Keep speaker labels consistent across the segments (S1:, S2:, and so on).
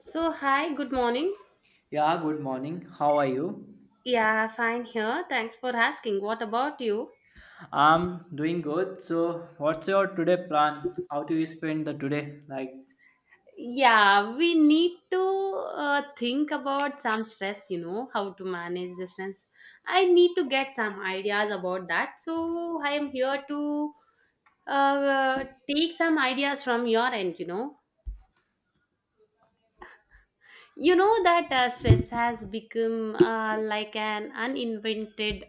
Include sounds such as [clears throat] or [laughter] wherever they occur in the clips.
S1: So, hi, good morning.
S2: Yeah, good morning. How are you?
S1: Yeah, fine here. Thanks for asking. What about you?
S2: I'm doing good. So, what's your today plan? How do you spend the today? Like
S1: Yeah, we need to think about some stress, how to manage the stress. I need to get some ideas about that. So, I am here to uh, take some ideas from your end. You know that stress has become like an uninvented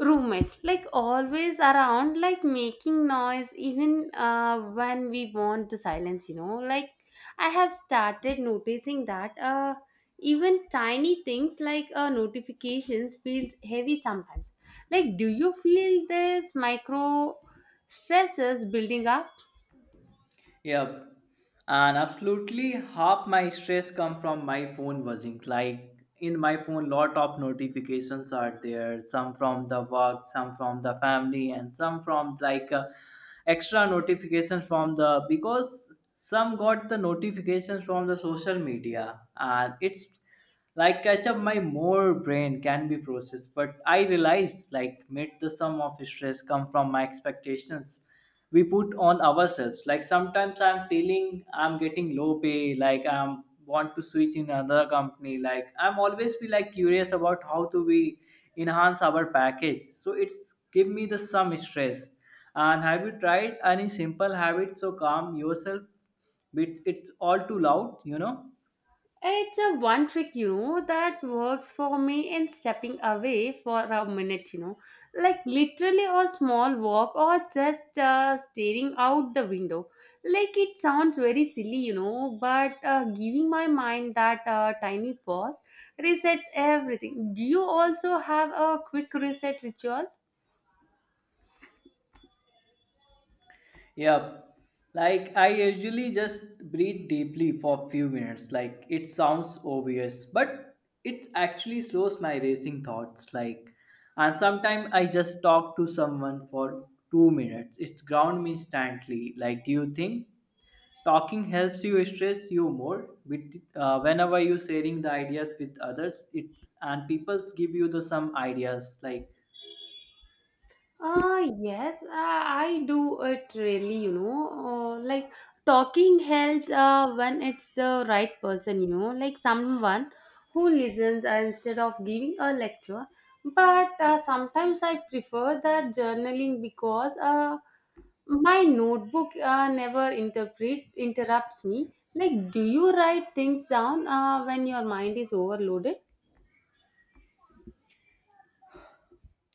S1: roommate, like always around, like making noise even when we want the silence. Like I have started noticing that even tiny things, like notifications feels heavy sometimes. Like, do you feel this micro stresses building up?
S2: yep. And absolutely half my stress come from my phone buzzing. Like in my phone, lot of notifications are there. Some from the work, some from the family, and some from like extra notifications from the because some got the notifications from the social media, and it's like catch up my more brain can be processed. But I realize like made the sum of stress come from my expectations we put on ourselves. Like sometimes I'm feeling I'm getting low pay, like I'm want to switch in another company. Like I'm always be like curious about how to we enhance our package, so it's give me the some stress. And have you tried any simple habit so calm yourself? It's all too loud, you know.
S1: It's a one trick, that works for me in stepping away for a minute, like literally a small walk or just staring out the window. Like it sounds very silly, but giving my mind that tiny pause resets everything. Do you also have a quick reset ritual?
S2: Yeah, like I usually just breathe deeply for a few minutes. Like it sounds obvious, but it actually slows my racing thoughts. Like and sometimes I just talk to someone for 2 minutes. It's ground me instantly. Like do you think talking helps you stress you more? With whenever you sharing the ideas with others, it's and people give you the some ideas like.
S1: Yes, I do it really. Like talking helps when it's the right person, like someone who listens instead of giving a lecture. But sometimes I prefer that journaling because my notebook never interpret interrupts me. Like, do you write things down when your mind is overloaded?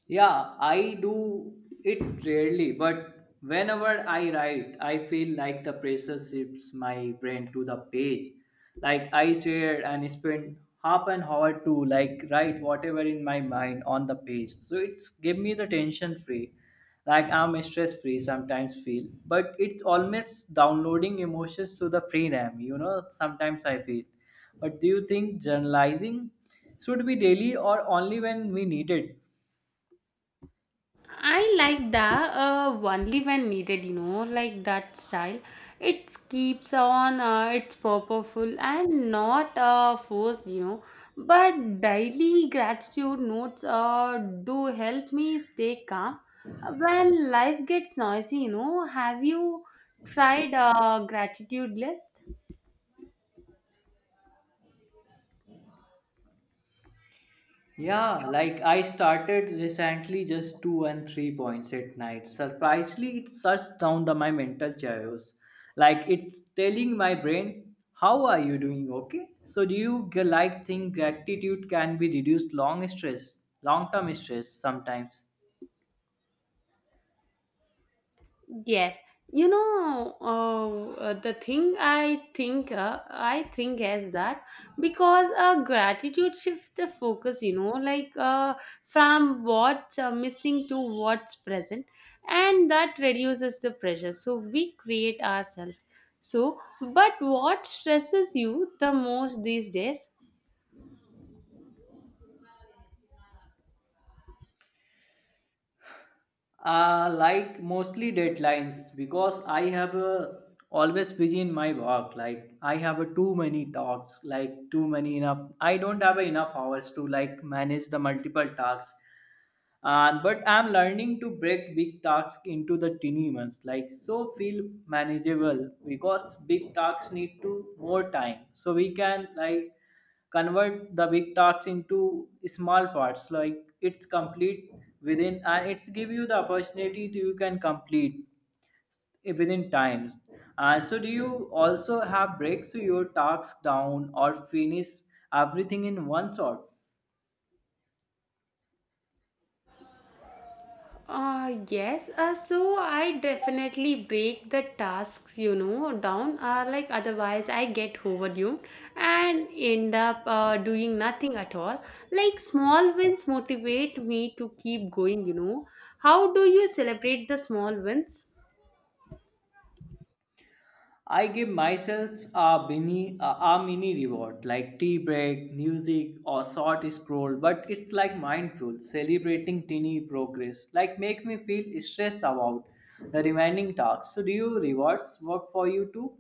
S2: Yeah, I do it rarely, but whenever I write, I feel like the pressure shifts my brain to the page. Like I sit and spend half an hour to like write whatever in my mind on the page. So it's give me the tension free. Like I'm stress free sometimes feel, but it's almost downloading emotions to the free RAM. You know, sometimes I feel. But do you think journalizing should be daily or only when we need it?
S1: I like that only when needed, like that style. It keeps on, it's purposeful and not forced. But daily gratitude notes do help me stay calm when life gets noisy. Have you tried gratitude list?
S2: Yeah, like I started recently just two and three points at night. Surprisingly, it shuts down the my mental chaos. Like it's telling my brain, "How are you doing? Okay." So do like think gratitude can be reduced long stress, long term stress sometimes?
S1: Yes, the thing I think is that because gratitude shifts the focus, like from what's missing to what's present, and that reduces the pressure. So we create ourselves. So, but what stresses you the most these days?
S2: Like mostly deadlines, because I have a, always busy in my work. Like I have a too many talks, like too many enough. I don't have enough hours to like manage the multiple tasks. And but I'm learning to break big tasks into the teeny ones, like so feel manageable, because big tasks need to more time. So we can like convert the big tasks into small parts, like it's complete within, and it's give you the opportunity to you can complete within times. And so do you also have breaks to your tasks down or finish everything in one shot?
S1: Yes, so I definitely break the tasks, down. Like otherwise, I get overwhelmed and end up doing nothing at all. Like small wins motivate me to keep going. How do you celebrate the small wins?
S2: I give myself a mini, a mini reward like tea break, music, or short scroll. But it's like mindful, celebrating tiny progress. Like make me feel stressed about the remaining tasks. So do you rewards work for you too?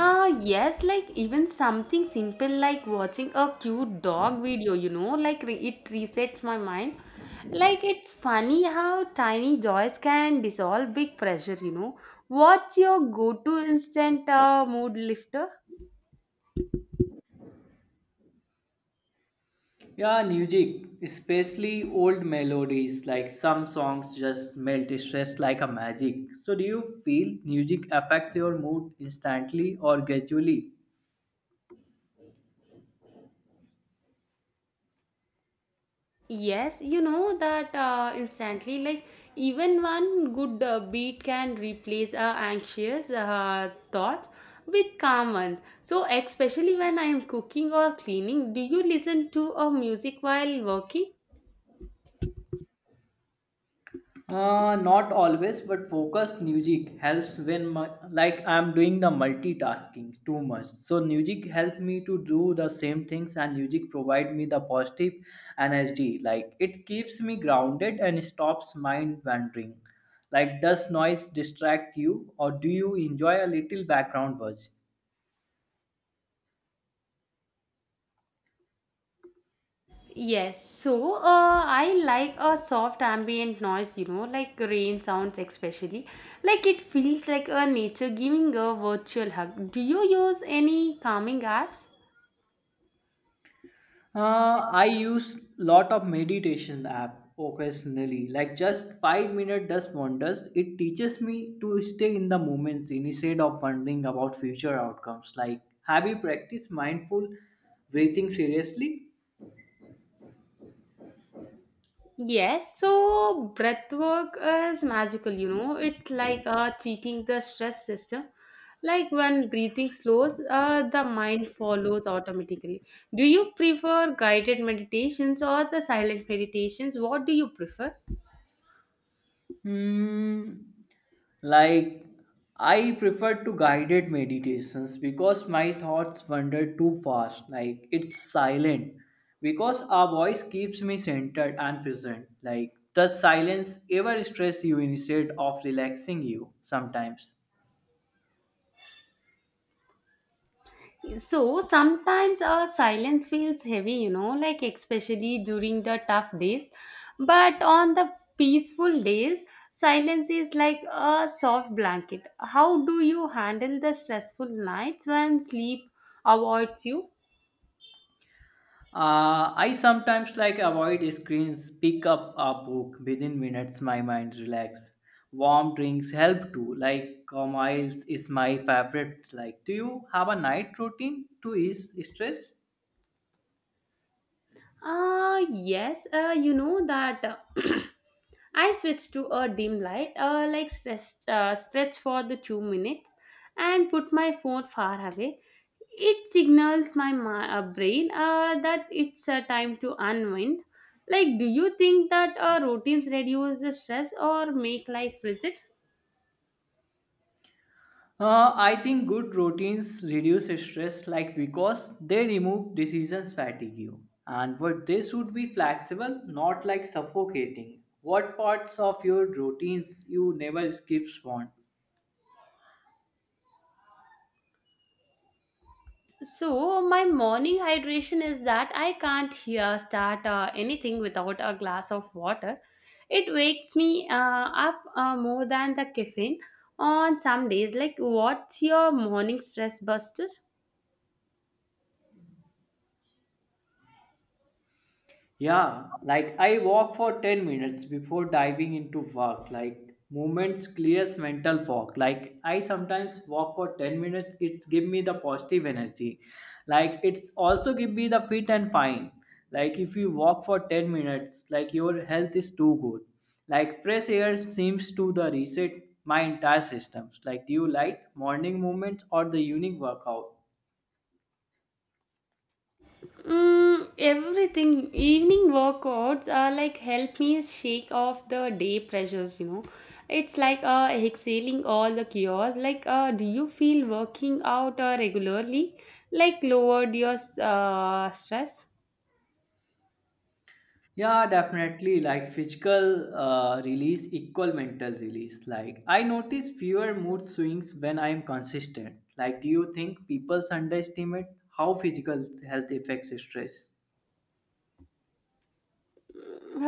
S1: Ah, yes, like even something simple like watching a cute dog video, like it resets my mind. Like it's funny how tiny joys can dissolve big pressure. What's your go to instant mood lifter?
S2: Yeah, music, especially old melodies. Like some songs just melt stress like a magic. So do you feel music affects your mood instantly or gradually?
S1: Yes, you know that instantly, like even one good beat can replace anxious thoughts with calm ones. So, especially when I am cooking or cleaning, do you listen to music while working?
S2: Not always, but focus music helps when my, like I'm doing the multitasking too much. So music help me to do the same things, and music provide me the positive energy. Like it keeps me grounded and stops mind wandering. Like does noise distract you, or do you enjoy a little background buzz?
S1: Yes, so I like a soft ambient noise, like rain sounds, especially. Like it feels like a nature giving a virtual hug. Do you use any calming apps?
S2: I use lot of meditation app occasionally, like just 5 minute does wonders. It teaches me to stay in the moments instead of wondering about future outcomes. Like, have you practiced mindful breathing seriously?
S1: Yes, so breath work is magical. It's like cheating the stress system. Like when breathing slows, the mind follows automatically. Do you prefer guided meditations or the silent meditations? What do you prefer?
S2: Hmm. Like, I prefer to guided meditations because my thoughts wander too fast. Like, it's silent. Because our voice keeps me centered and present. Like, does silence ever stress you instead of relaxing you sometimes?
S1: So sometimes our silence feels heavy, like especially during the tough days. But on the peaceful days, silence is like a soft blanket. How do you handle the stressful nights when sleep avoids you?
S2: I sometimes like avoid screens, pick up a book within minutes, my mind relax. Warm drinks help too, like chamomile is my favorite. Like, do you have a night routine to ease stress?
S1: Yes, you know that [coughs] [clears throat] I switched to a dim light, like stretch for the 2 minutes, and put my phone far away. It signals my brain that it's a time to unwind. Like, do you think that routines reduce the stress or make life rigid?
S2: I think good routines reduce stress, like because they remove decisions fatigue you, and but they should be flexible, not like suffocating. What parts of your routines you never skip want?
S1: So my morning hydration is that I can't here start anything without a glass of water. It wakes me up more than the caffeine on some days. Like, what's your morning stress buster?
S2: Yeah, like I walk for 10 minutes before diving into work. Like movements clears mental fog. Like I sometimes walk for 10 minutes, it's give me the positive energy. Like it's also give me the fit and fine. Like if you walk for 10 minutes, like your health is too good. Like fresh air seems to the reset my entire systems. Like do you like morning movements or the evening workout?
S1: Mm, everything. Evening workouts are like help me shake off the day pressures. It's like exhaling all the chaos. Like, do you feel working out regularly like lowered your stress?
S2: Yeah, definitely. Like physical release equal mental release. Like I notice fewer mood swings when I am consistent. Like, do you think people underestimate how physical health affects stress?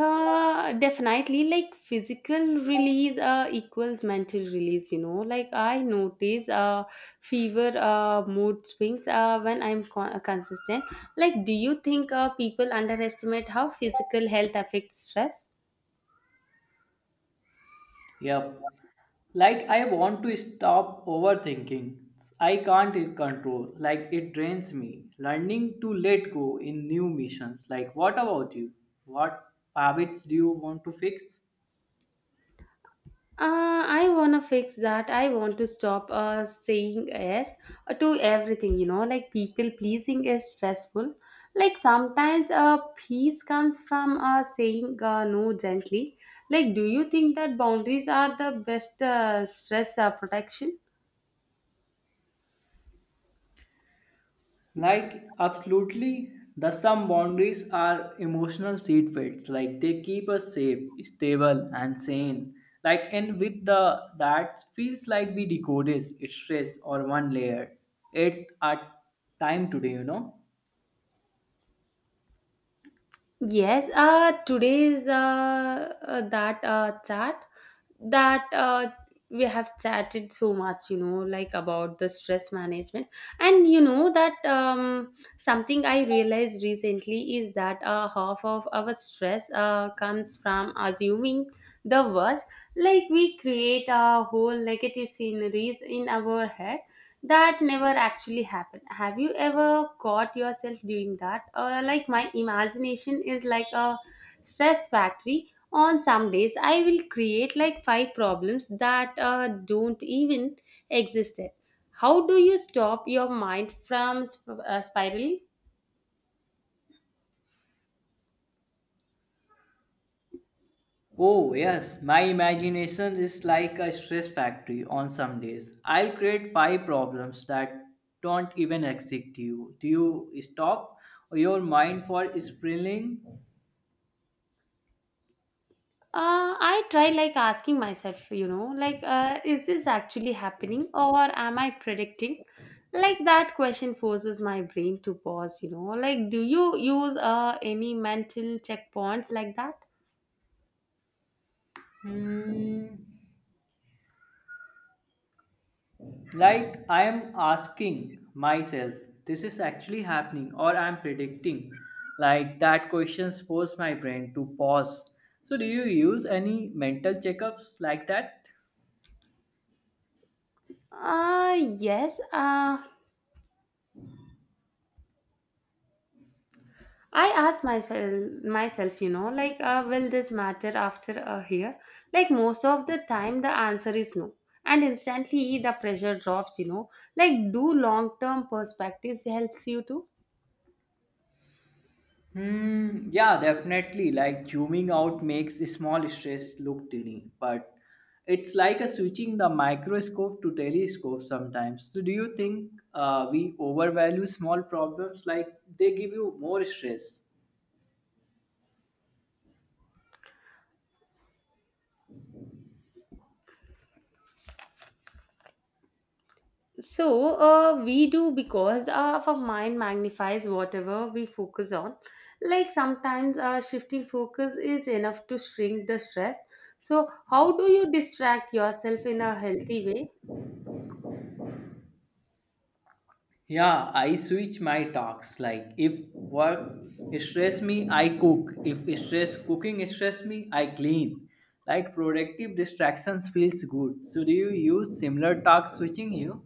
S1: Definitely, like physical release equals mental release. Like I notice fever mood swings when I'm consistent. Like, do you think people underestimate how physical health affects stress?
S2: Yep. Like I want to stop overthinking. I can't it control. Like it drains me. Learning to let go in new missions. Like what about you? What habits do you want to fix?
S1: I want to fix that. I want to stop saying yes to everything, like people pleasing is stressful. Like sometimes peace comes from saying no gently. Like, do you think that boundaries are the best stress protection?
S2: Like, absolutely, the some boundaries are emotional seatbelts. Like, they keep us safe, stable, and sane. Like, and with the that feels like we decode is stress or one layer at a time today, you know.
S1: Yes, today's that chat that we have chatted so much, like about the stress management. And you know that something I realized recently is that half of our stress comes from assuming the worst. Like we create a whole negative sceneries in our head that never actually happened. Have you ever caught yourself doing that? Like my imagination is like a stress factory. On some days, I will create like five problems that don't even exist yet. How do you stop your mind from spiraling?
S2: Oh, yes, my imagination is like a stress factory on some days. I'll create five problems that don't even exist to you. Do you stop your mind for spiraling?
S1: I try like asking myself, like, is this actually happening or am I predicting? Like that question forces my brain to pause. Like, do you use any mental checkpoints like that?
S2: Hmm. Like I am asking myself, this is actually happening, or I'm predicting. Like that questions force my brain to pause. So, do you use any mental checkups like that?
S1: Yes. I ask myself, like, will this matter after a year? Like, most of the time, the answer is no. And instantly, the pressure drops. Like, do long term perspectives helps you too?
S2: Hmm, yeah, definitely. Like zooming out makes small stress look tiny, but it's like a switching the microscope to telescope sometimes. So, do you think we overvalue small problems? Like they give you more stress.
S1: So, we do because our mind magnifies whatever we focus on. Like sometimes shifting focus is enough to shrink the stress. So, how do you distract yourself in a healthy way?
S2: Yeah, I switch my talks. Like if work stress me, I cook. If stress cooking stress me, I clean. Like productive distractions feels good. So do you use similar talk switching you?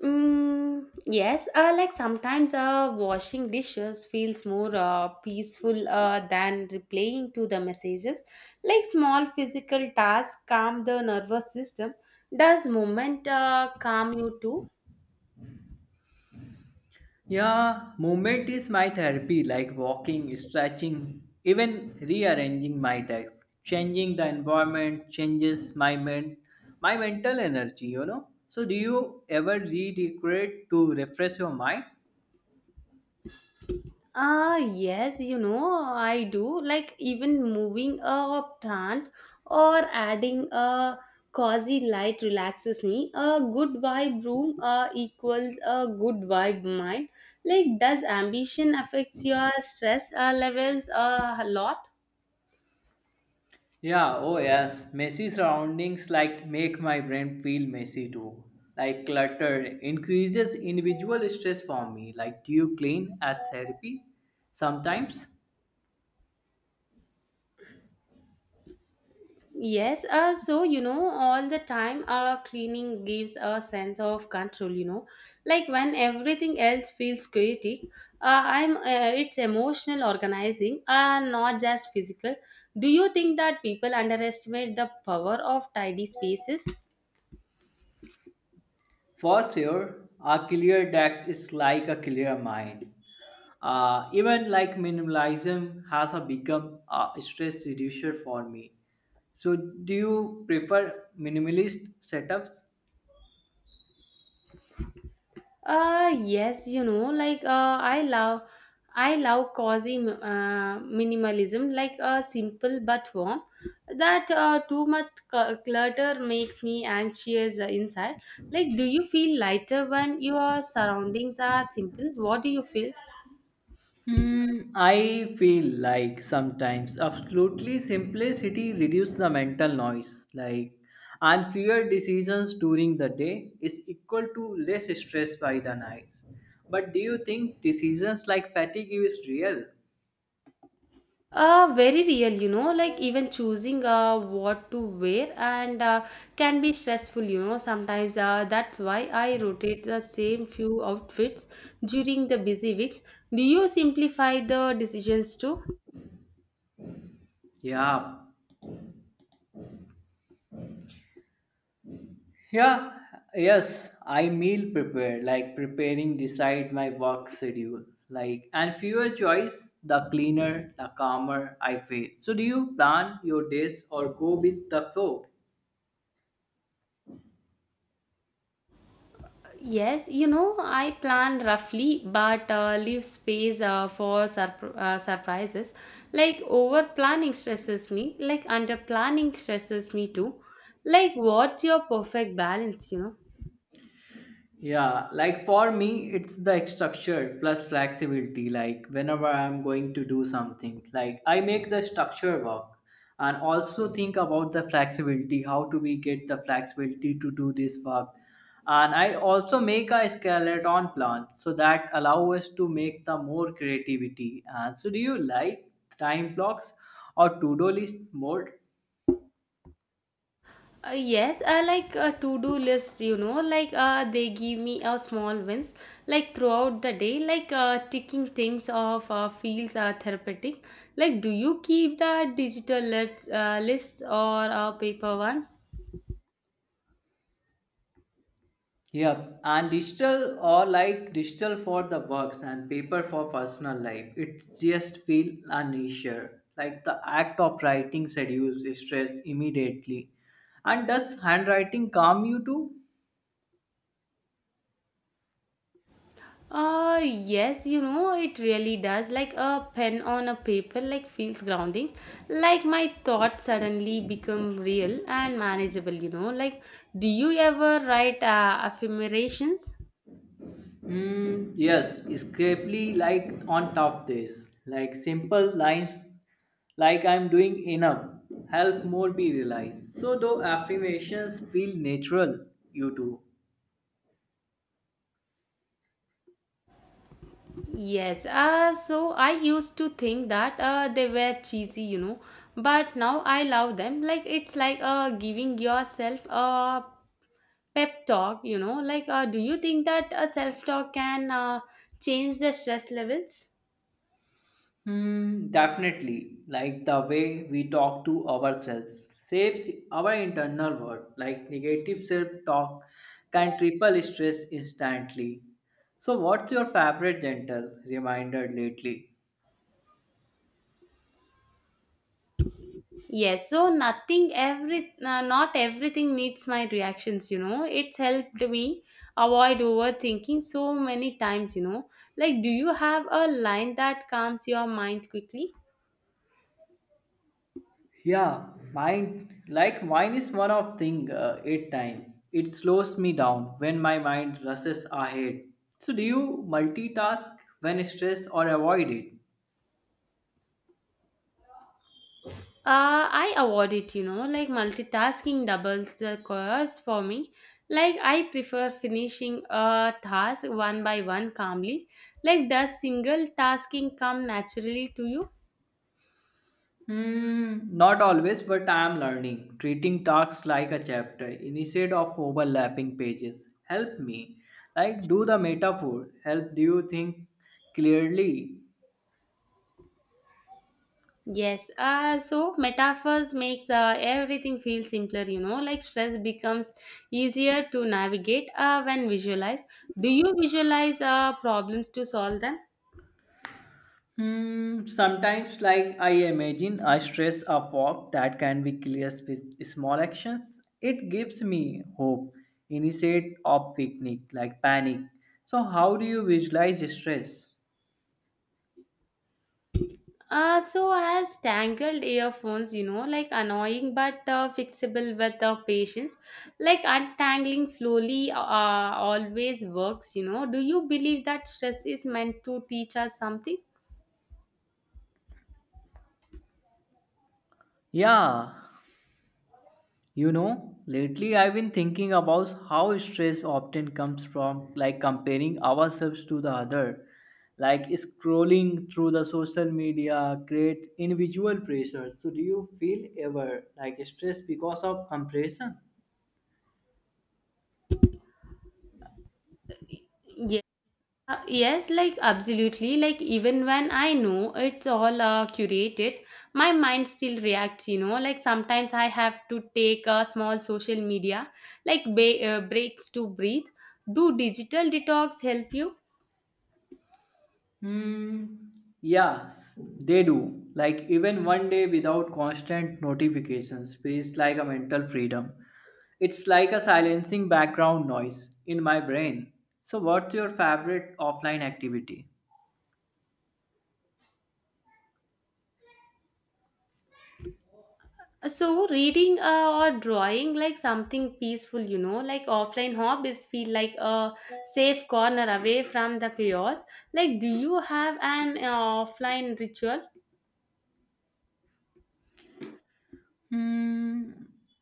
S1: Mm, yes, like sometimes washing dishes feels more peaceful than replying to the messages. Like small physical tasks calm the nervous system. Does movement calm you too?
S2: Yeah, movement is my therapy. Like walking, stretching, even rearranging my desk. Changing the environment changes my my mental energy. You know. So do you ever redecorate to refresh your mind?
S1: Ah, yes, I do. Like, even moving a plant or adding a cozy light relaxes me. A good vibe room equals a good vibe mind. Like, does ambition affects your stress levels a lot?
S2: Yeah, oh yes. Messy surroundings like make my brain feel messy too. Like clutter increases individual stress for me. Like do you clean as therapy? Sometimes.
S1: Yes, so all the time, cleaning gives a sense of control. Like when everything else feels chaotic, I'm it's emotional organizing, not just physical. Do you think that people underestimate the power of tidy spaces?
S2: For sure, a clear deck is like a clear mind. Even like minimalism has a become a stress reducer for me. So do you prefer minimalist setups?
S1: Yes, like I love cozy minimalism, like simple but warm. That too much clutter makes me anxious inside. Like, do you feel lighter when your surroundings are simple? What do you feel?
S2: Hmm, I feel like sometimes absolutely simplicity reduces the mental noise, like and fewer decisions during the day is equal to less stress by the night. But do you think decisions like fatigue is real?
S1: Very real, like even choosing what to wear and can be stressful. Sometimes that's why I rotate the same few outfits during the busy weeks. Do you simplify the decisions too?
S2: Yeah. Yeah, Yes, I meal prepare, like preparing decide my work schedule. Like and fewer choice, the cleaner, the calmer I feel. So do you plan your days or go with the flow?
S1: Yes, I plan roughly but leave space for surprises. Like over planning stresses me, like under planning stresses me too. Like, what's your perfect balance?
S2: Yeah, like for me, it's the structure plus flexibility. Like whenever I'm going to do something, like I make the structure work and also think about the flexibility, how do we get the flexibility to do this work. And I also make a skeleton plan so that allow us to make the more creativity. And so do you like time blocks or to-do list more?
S1: Yes, like a to-do list, like they give me a small wins, like throughout the day, like ticking things off feels therapeutic. Like, do you keep the digital lists or paper ones?
S2: Yep, and digital or like digital for the works and paper for personal life. It's just feel uneasier. Like the act of writing reduces stress immediately. And does handwriting calm you too?
S1: Yes, it really does. Like a pen on a paper, like feels grounding. Like my thoughts suddenly become real and manageable. Like, do you ever write affirmations?
S2: Mm, yes, escapely like on top this. Like simple lines like I'm doing enough help more be realized. So though affirmations feel natural, you do.
S1: Yes, so I used to think that they were cheesy, but now I love them. Like it's like giving yourself a pep talk. Like, do you think that a self talk can change the stress levels?
S2: Hmm, definitely. Like the way we talk to ourselves shapes our internal world. Like negative self talk can triple stress instantly. So, what's your favorite gentle reminder lately?
S1: Yes, so not everything needs my reactions. It's helped me avoid overthinking so many times. Like, do you have a line that calms your mind quickly?
S2: Yeah, mine. Like mine is one of thing eight time. It slows me down when my mind rushes ahead. So, do you multitask when stressed or avoid it?
S1: I avoid it, like multitasking doubles the cost for me. Like, I prefer finishing a task one by one calmly. Like, does single tasking come naturally to you?
S2: Hmm, not always, but I am learning. Treating tasks like a chapter instead of overlapping pages. Help me. Like, do the metaphor. Help you think clearly.
S1: Yes, so metaphors makes everything feel simpler, like stress becomes easier to navigate when visualized. Do you visualize problems to solve them?
S2: Hmm, sometimes, like, I imagine I stress a fog that can be cleared with small actions. It gives me hope instead of picnic, like panic. So, how do you visualize stress?
S1: So as tangled earphones, like annoying but fixable with patience. Like untangling slowly always works. Do you believe that stress is meant to teach us something?
S2: Yeah, you know, lately I've been thinking about how stress often comes from like comparing ourselves to the other, like scrolling through the social media creates individual pressure. So do you feel ever like stressed because of comparison?
S1: Yeah. Yes, like absolutely. Like even when I know it's all curated, my mind still reacts. Like sometimes I have to take a small social media, like breaks to breathe. Do digital detox help you?
S2: Hmm. Yes, they do. Like even one day without constant notifications feels like a mental freedom. It's like a silencing background noise in my brain. So, what's your favorite offline activity?
S1: So reading or drawing like something peaceful, like offline hobbies feel like a safe corner away from the chaos. Like, do you have an offline ritual?
S2: Hmm,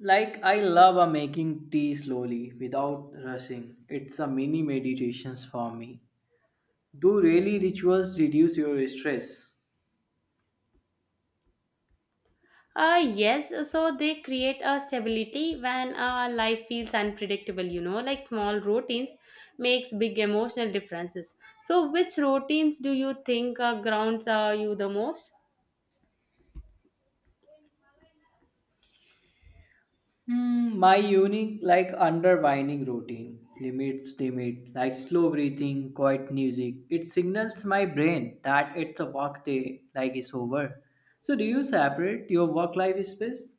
S2: like I love a making tea slowly without rushing. It's a mini meditations for me. Do really rituals reduce your stress?
S1: Yes, so they create a stability when life feels unpredictable, like small routines makes big emotional differences. So which routines do you think grounds you the most?
S2: Hmm, my unique like underwinding routine limit like slow breathing, quiet music. It signals my brain that it's a work day like it's over. So do you separate your work life space?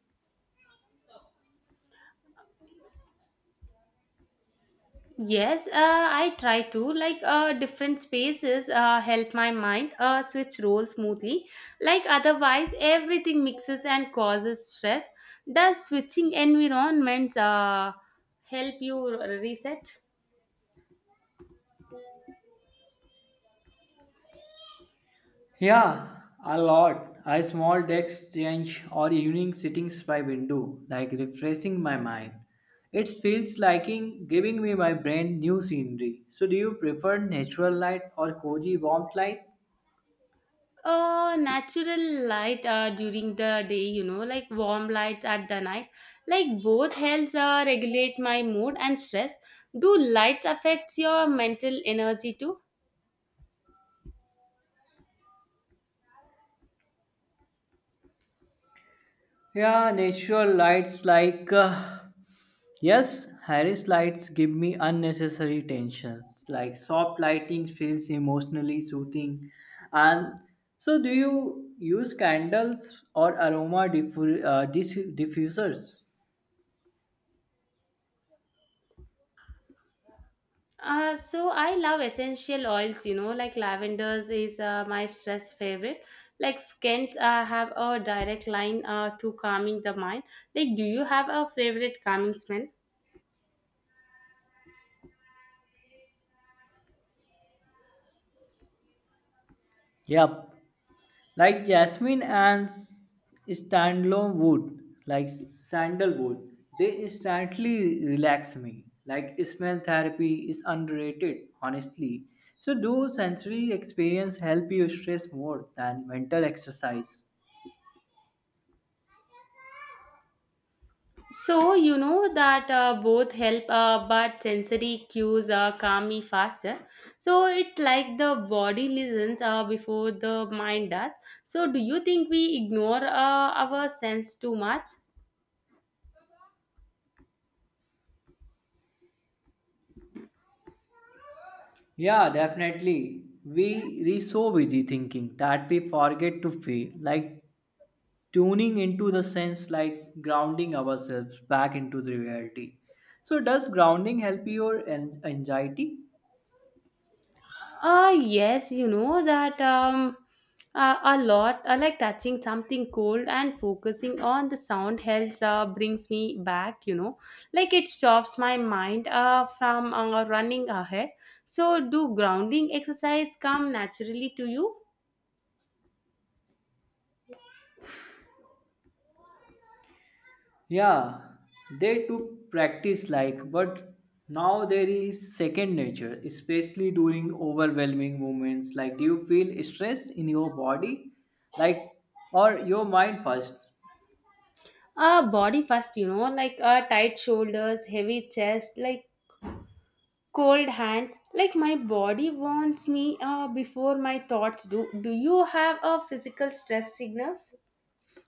S1: Yes, I try to. Like, different spaces help my mind switch roles smoothly. Like, otherwise, everything mixes and causes stress. Does switching environments help you reset?
S2: Yeah, a lot. A small desk change or evening sittings by window, like refreshing my mind. It feels like in giving me my brain new scenery. So do you prefer natural light or cozy warmth light?
S1: Natural light during the day, like warm lights at the night. Like, both helps regulate my mood and stress. Do lights affect your mental energy too?
S2: Yeah, natural lights like yes, Harris lights give me unnecessary tensions. Like soft lighting feels emotionally soothing, and so do you use candles or aroma diffusers?
S1: So I love essential oils, like lavenders is my stress favorite. Like scents have a direct line to calming the mind. Like, do you have a favorite calming smell?
S2: Yep, like jasmine and standalone wood, like sandalwood, they instantly relax me. Like smell therapy is underrated honestly. So do sensory experience help you stress more than mental exercise?
S1: So you know that both help, but sensory cues calm me faster. So it like the body listens before the mind does. So do you think we ignore our sense too much?
S2: Yeah, definitely. We so busy thinking that we forget to feel, like tuning into the sense like grounding ourselves back into the reality. So does grounding help your anxiety?
S1: Yes, you know that a lot, like touching something cold and focusing on the sound helps brings me back, like it stops my mind from running ahead. So, do grounding exercise come naturally to you?
S2: Yeah, they took practice, like but now there is second nature, especially during overwhelming moments. Like do you feel stress in your body? Like or your mind first?
S1: Body first, like tight shoulders, heavy chest, like cold hands. Like my body wants me before my thoughts do. Do you have a physical stress signals?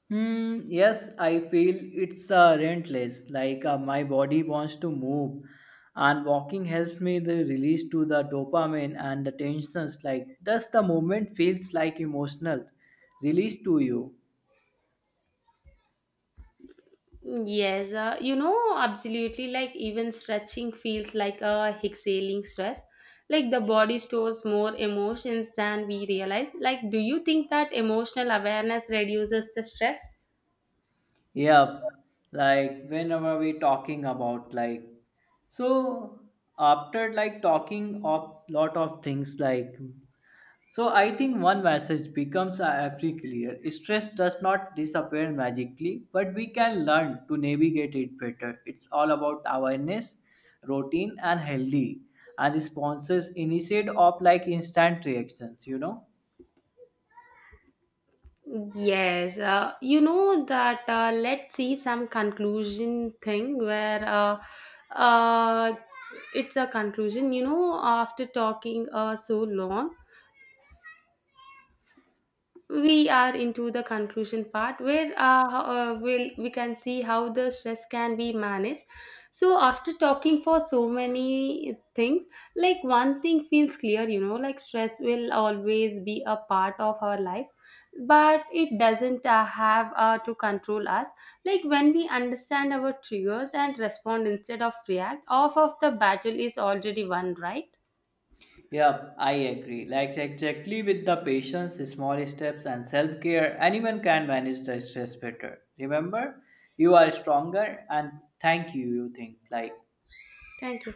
S2: Hmm, yes, I feel it's relentless. Like my body wants to move, and walking helps me the release to the dopamine and the tensions. Like thus, the movement feels like emotional release to you.
S1: Yes, absolutely. Like, even stretching feels like a exhaling stress. Like, the body stores more emotions than we realize. Like, do you think that emotional awareness reduces the stress?
S2: Yeah. Like whenever we talking about like so after like talking of lot of things like. So I think one message becomes very clear. Stress does not disappear magically, but we can learn to navigate it better. It's all about awareness, routine, and healthy and responses instead of like instant reactions. You know.
S1: Yes, you know that. Let's see some conclusion thing where uh, it's a conclusion. After talking so long. We are into the conclusion part we can see how the stress can be managed. So after talking for so many things, like one thing feels clear. Like stress will always be a part of our life. But it doesn't have to control us. Like when we understand our triggers and respond instead of react, half of the battle is already won, right?
S2: Yeah, I agree. Like exactly with the patience, small steps, and self care, anyone can manage the stress better. Remember, you are stronger, and thank you. You think like yeah.
S1: Thank you.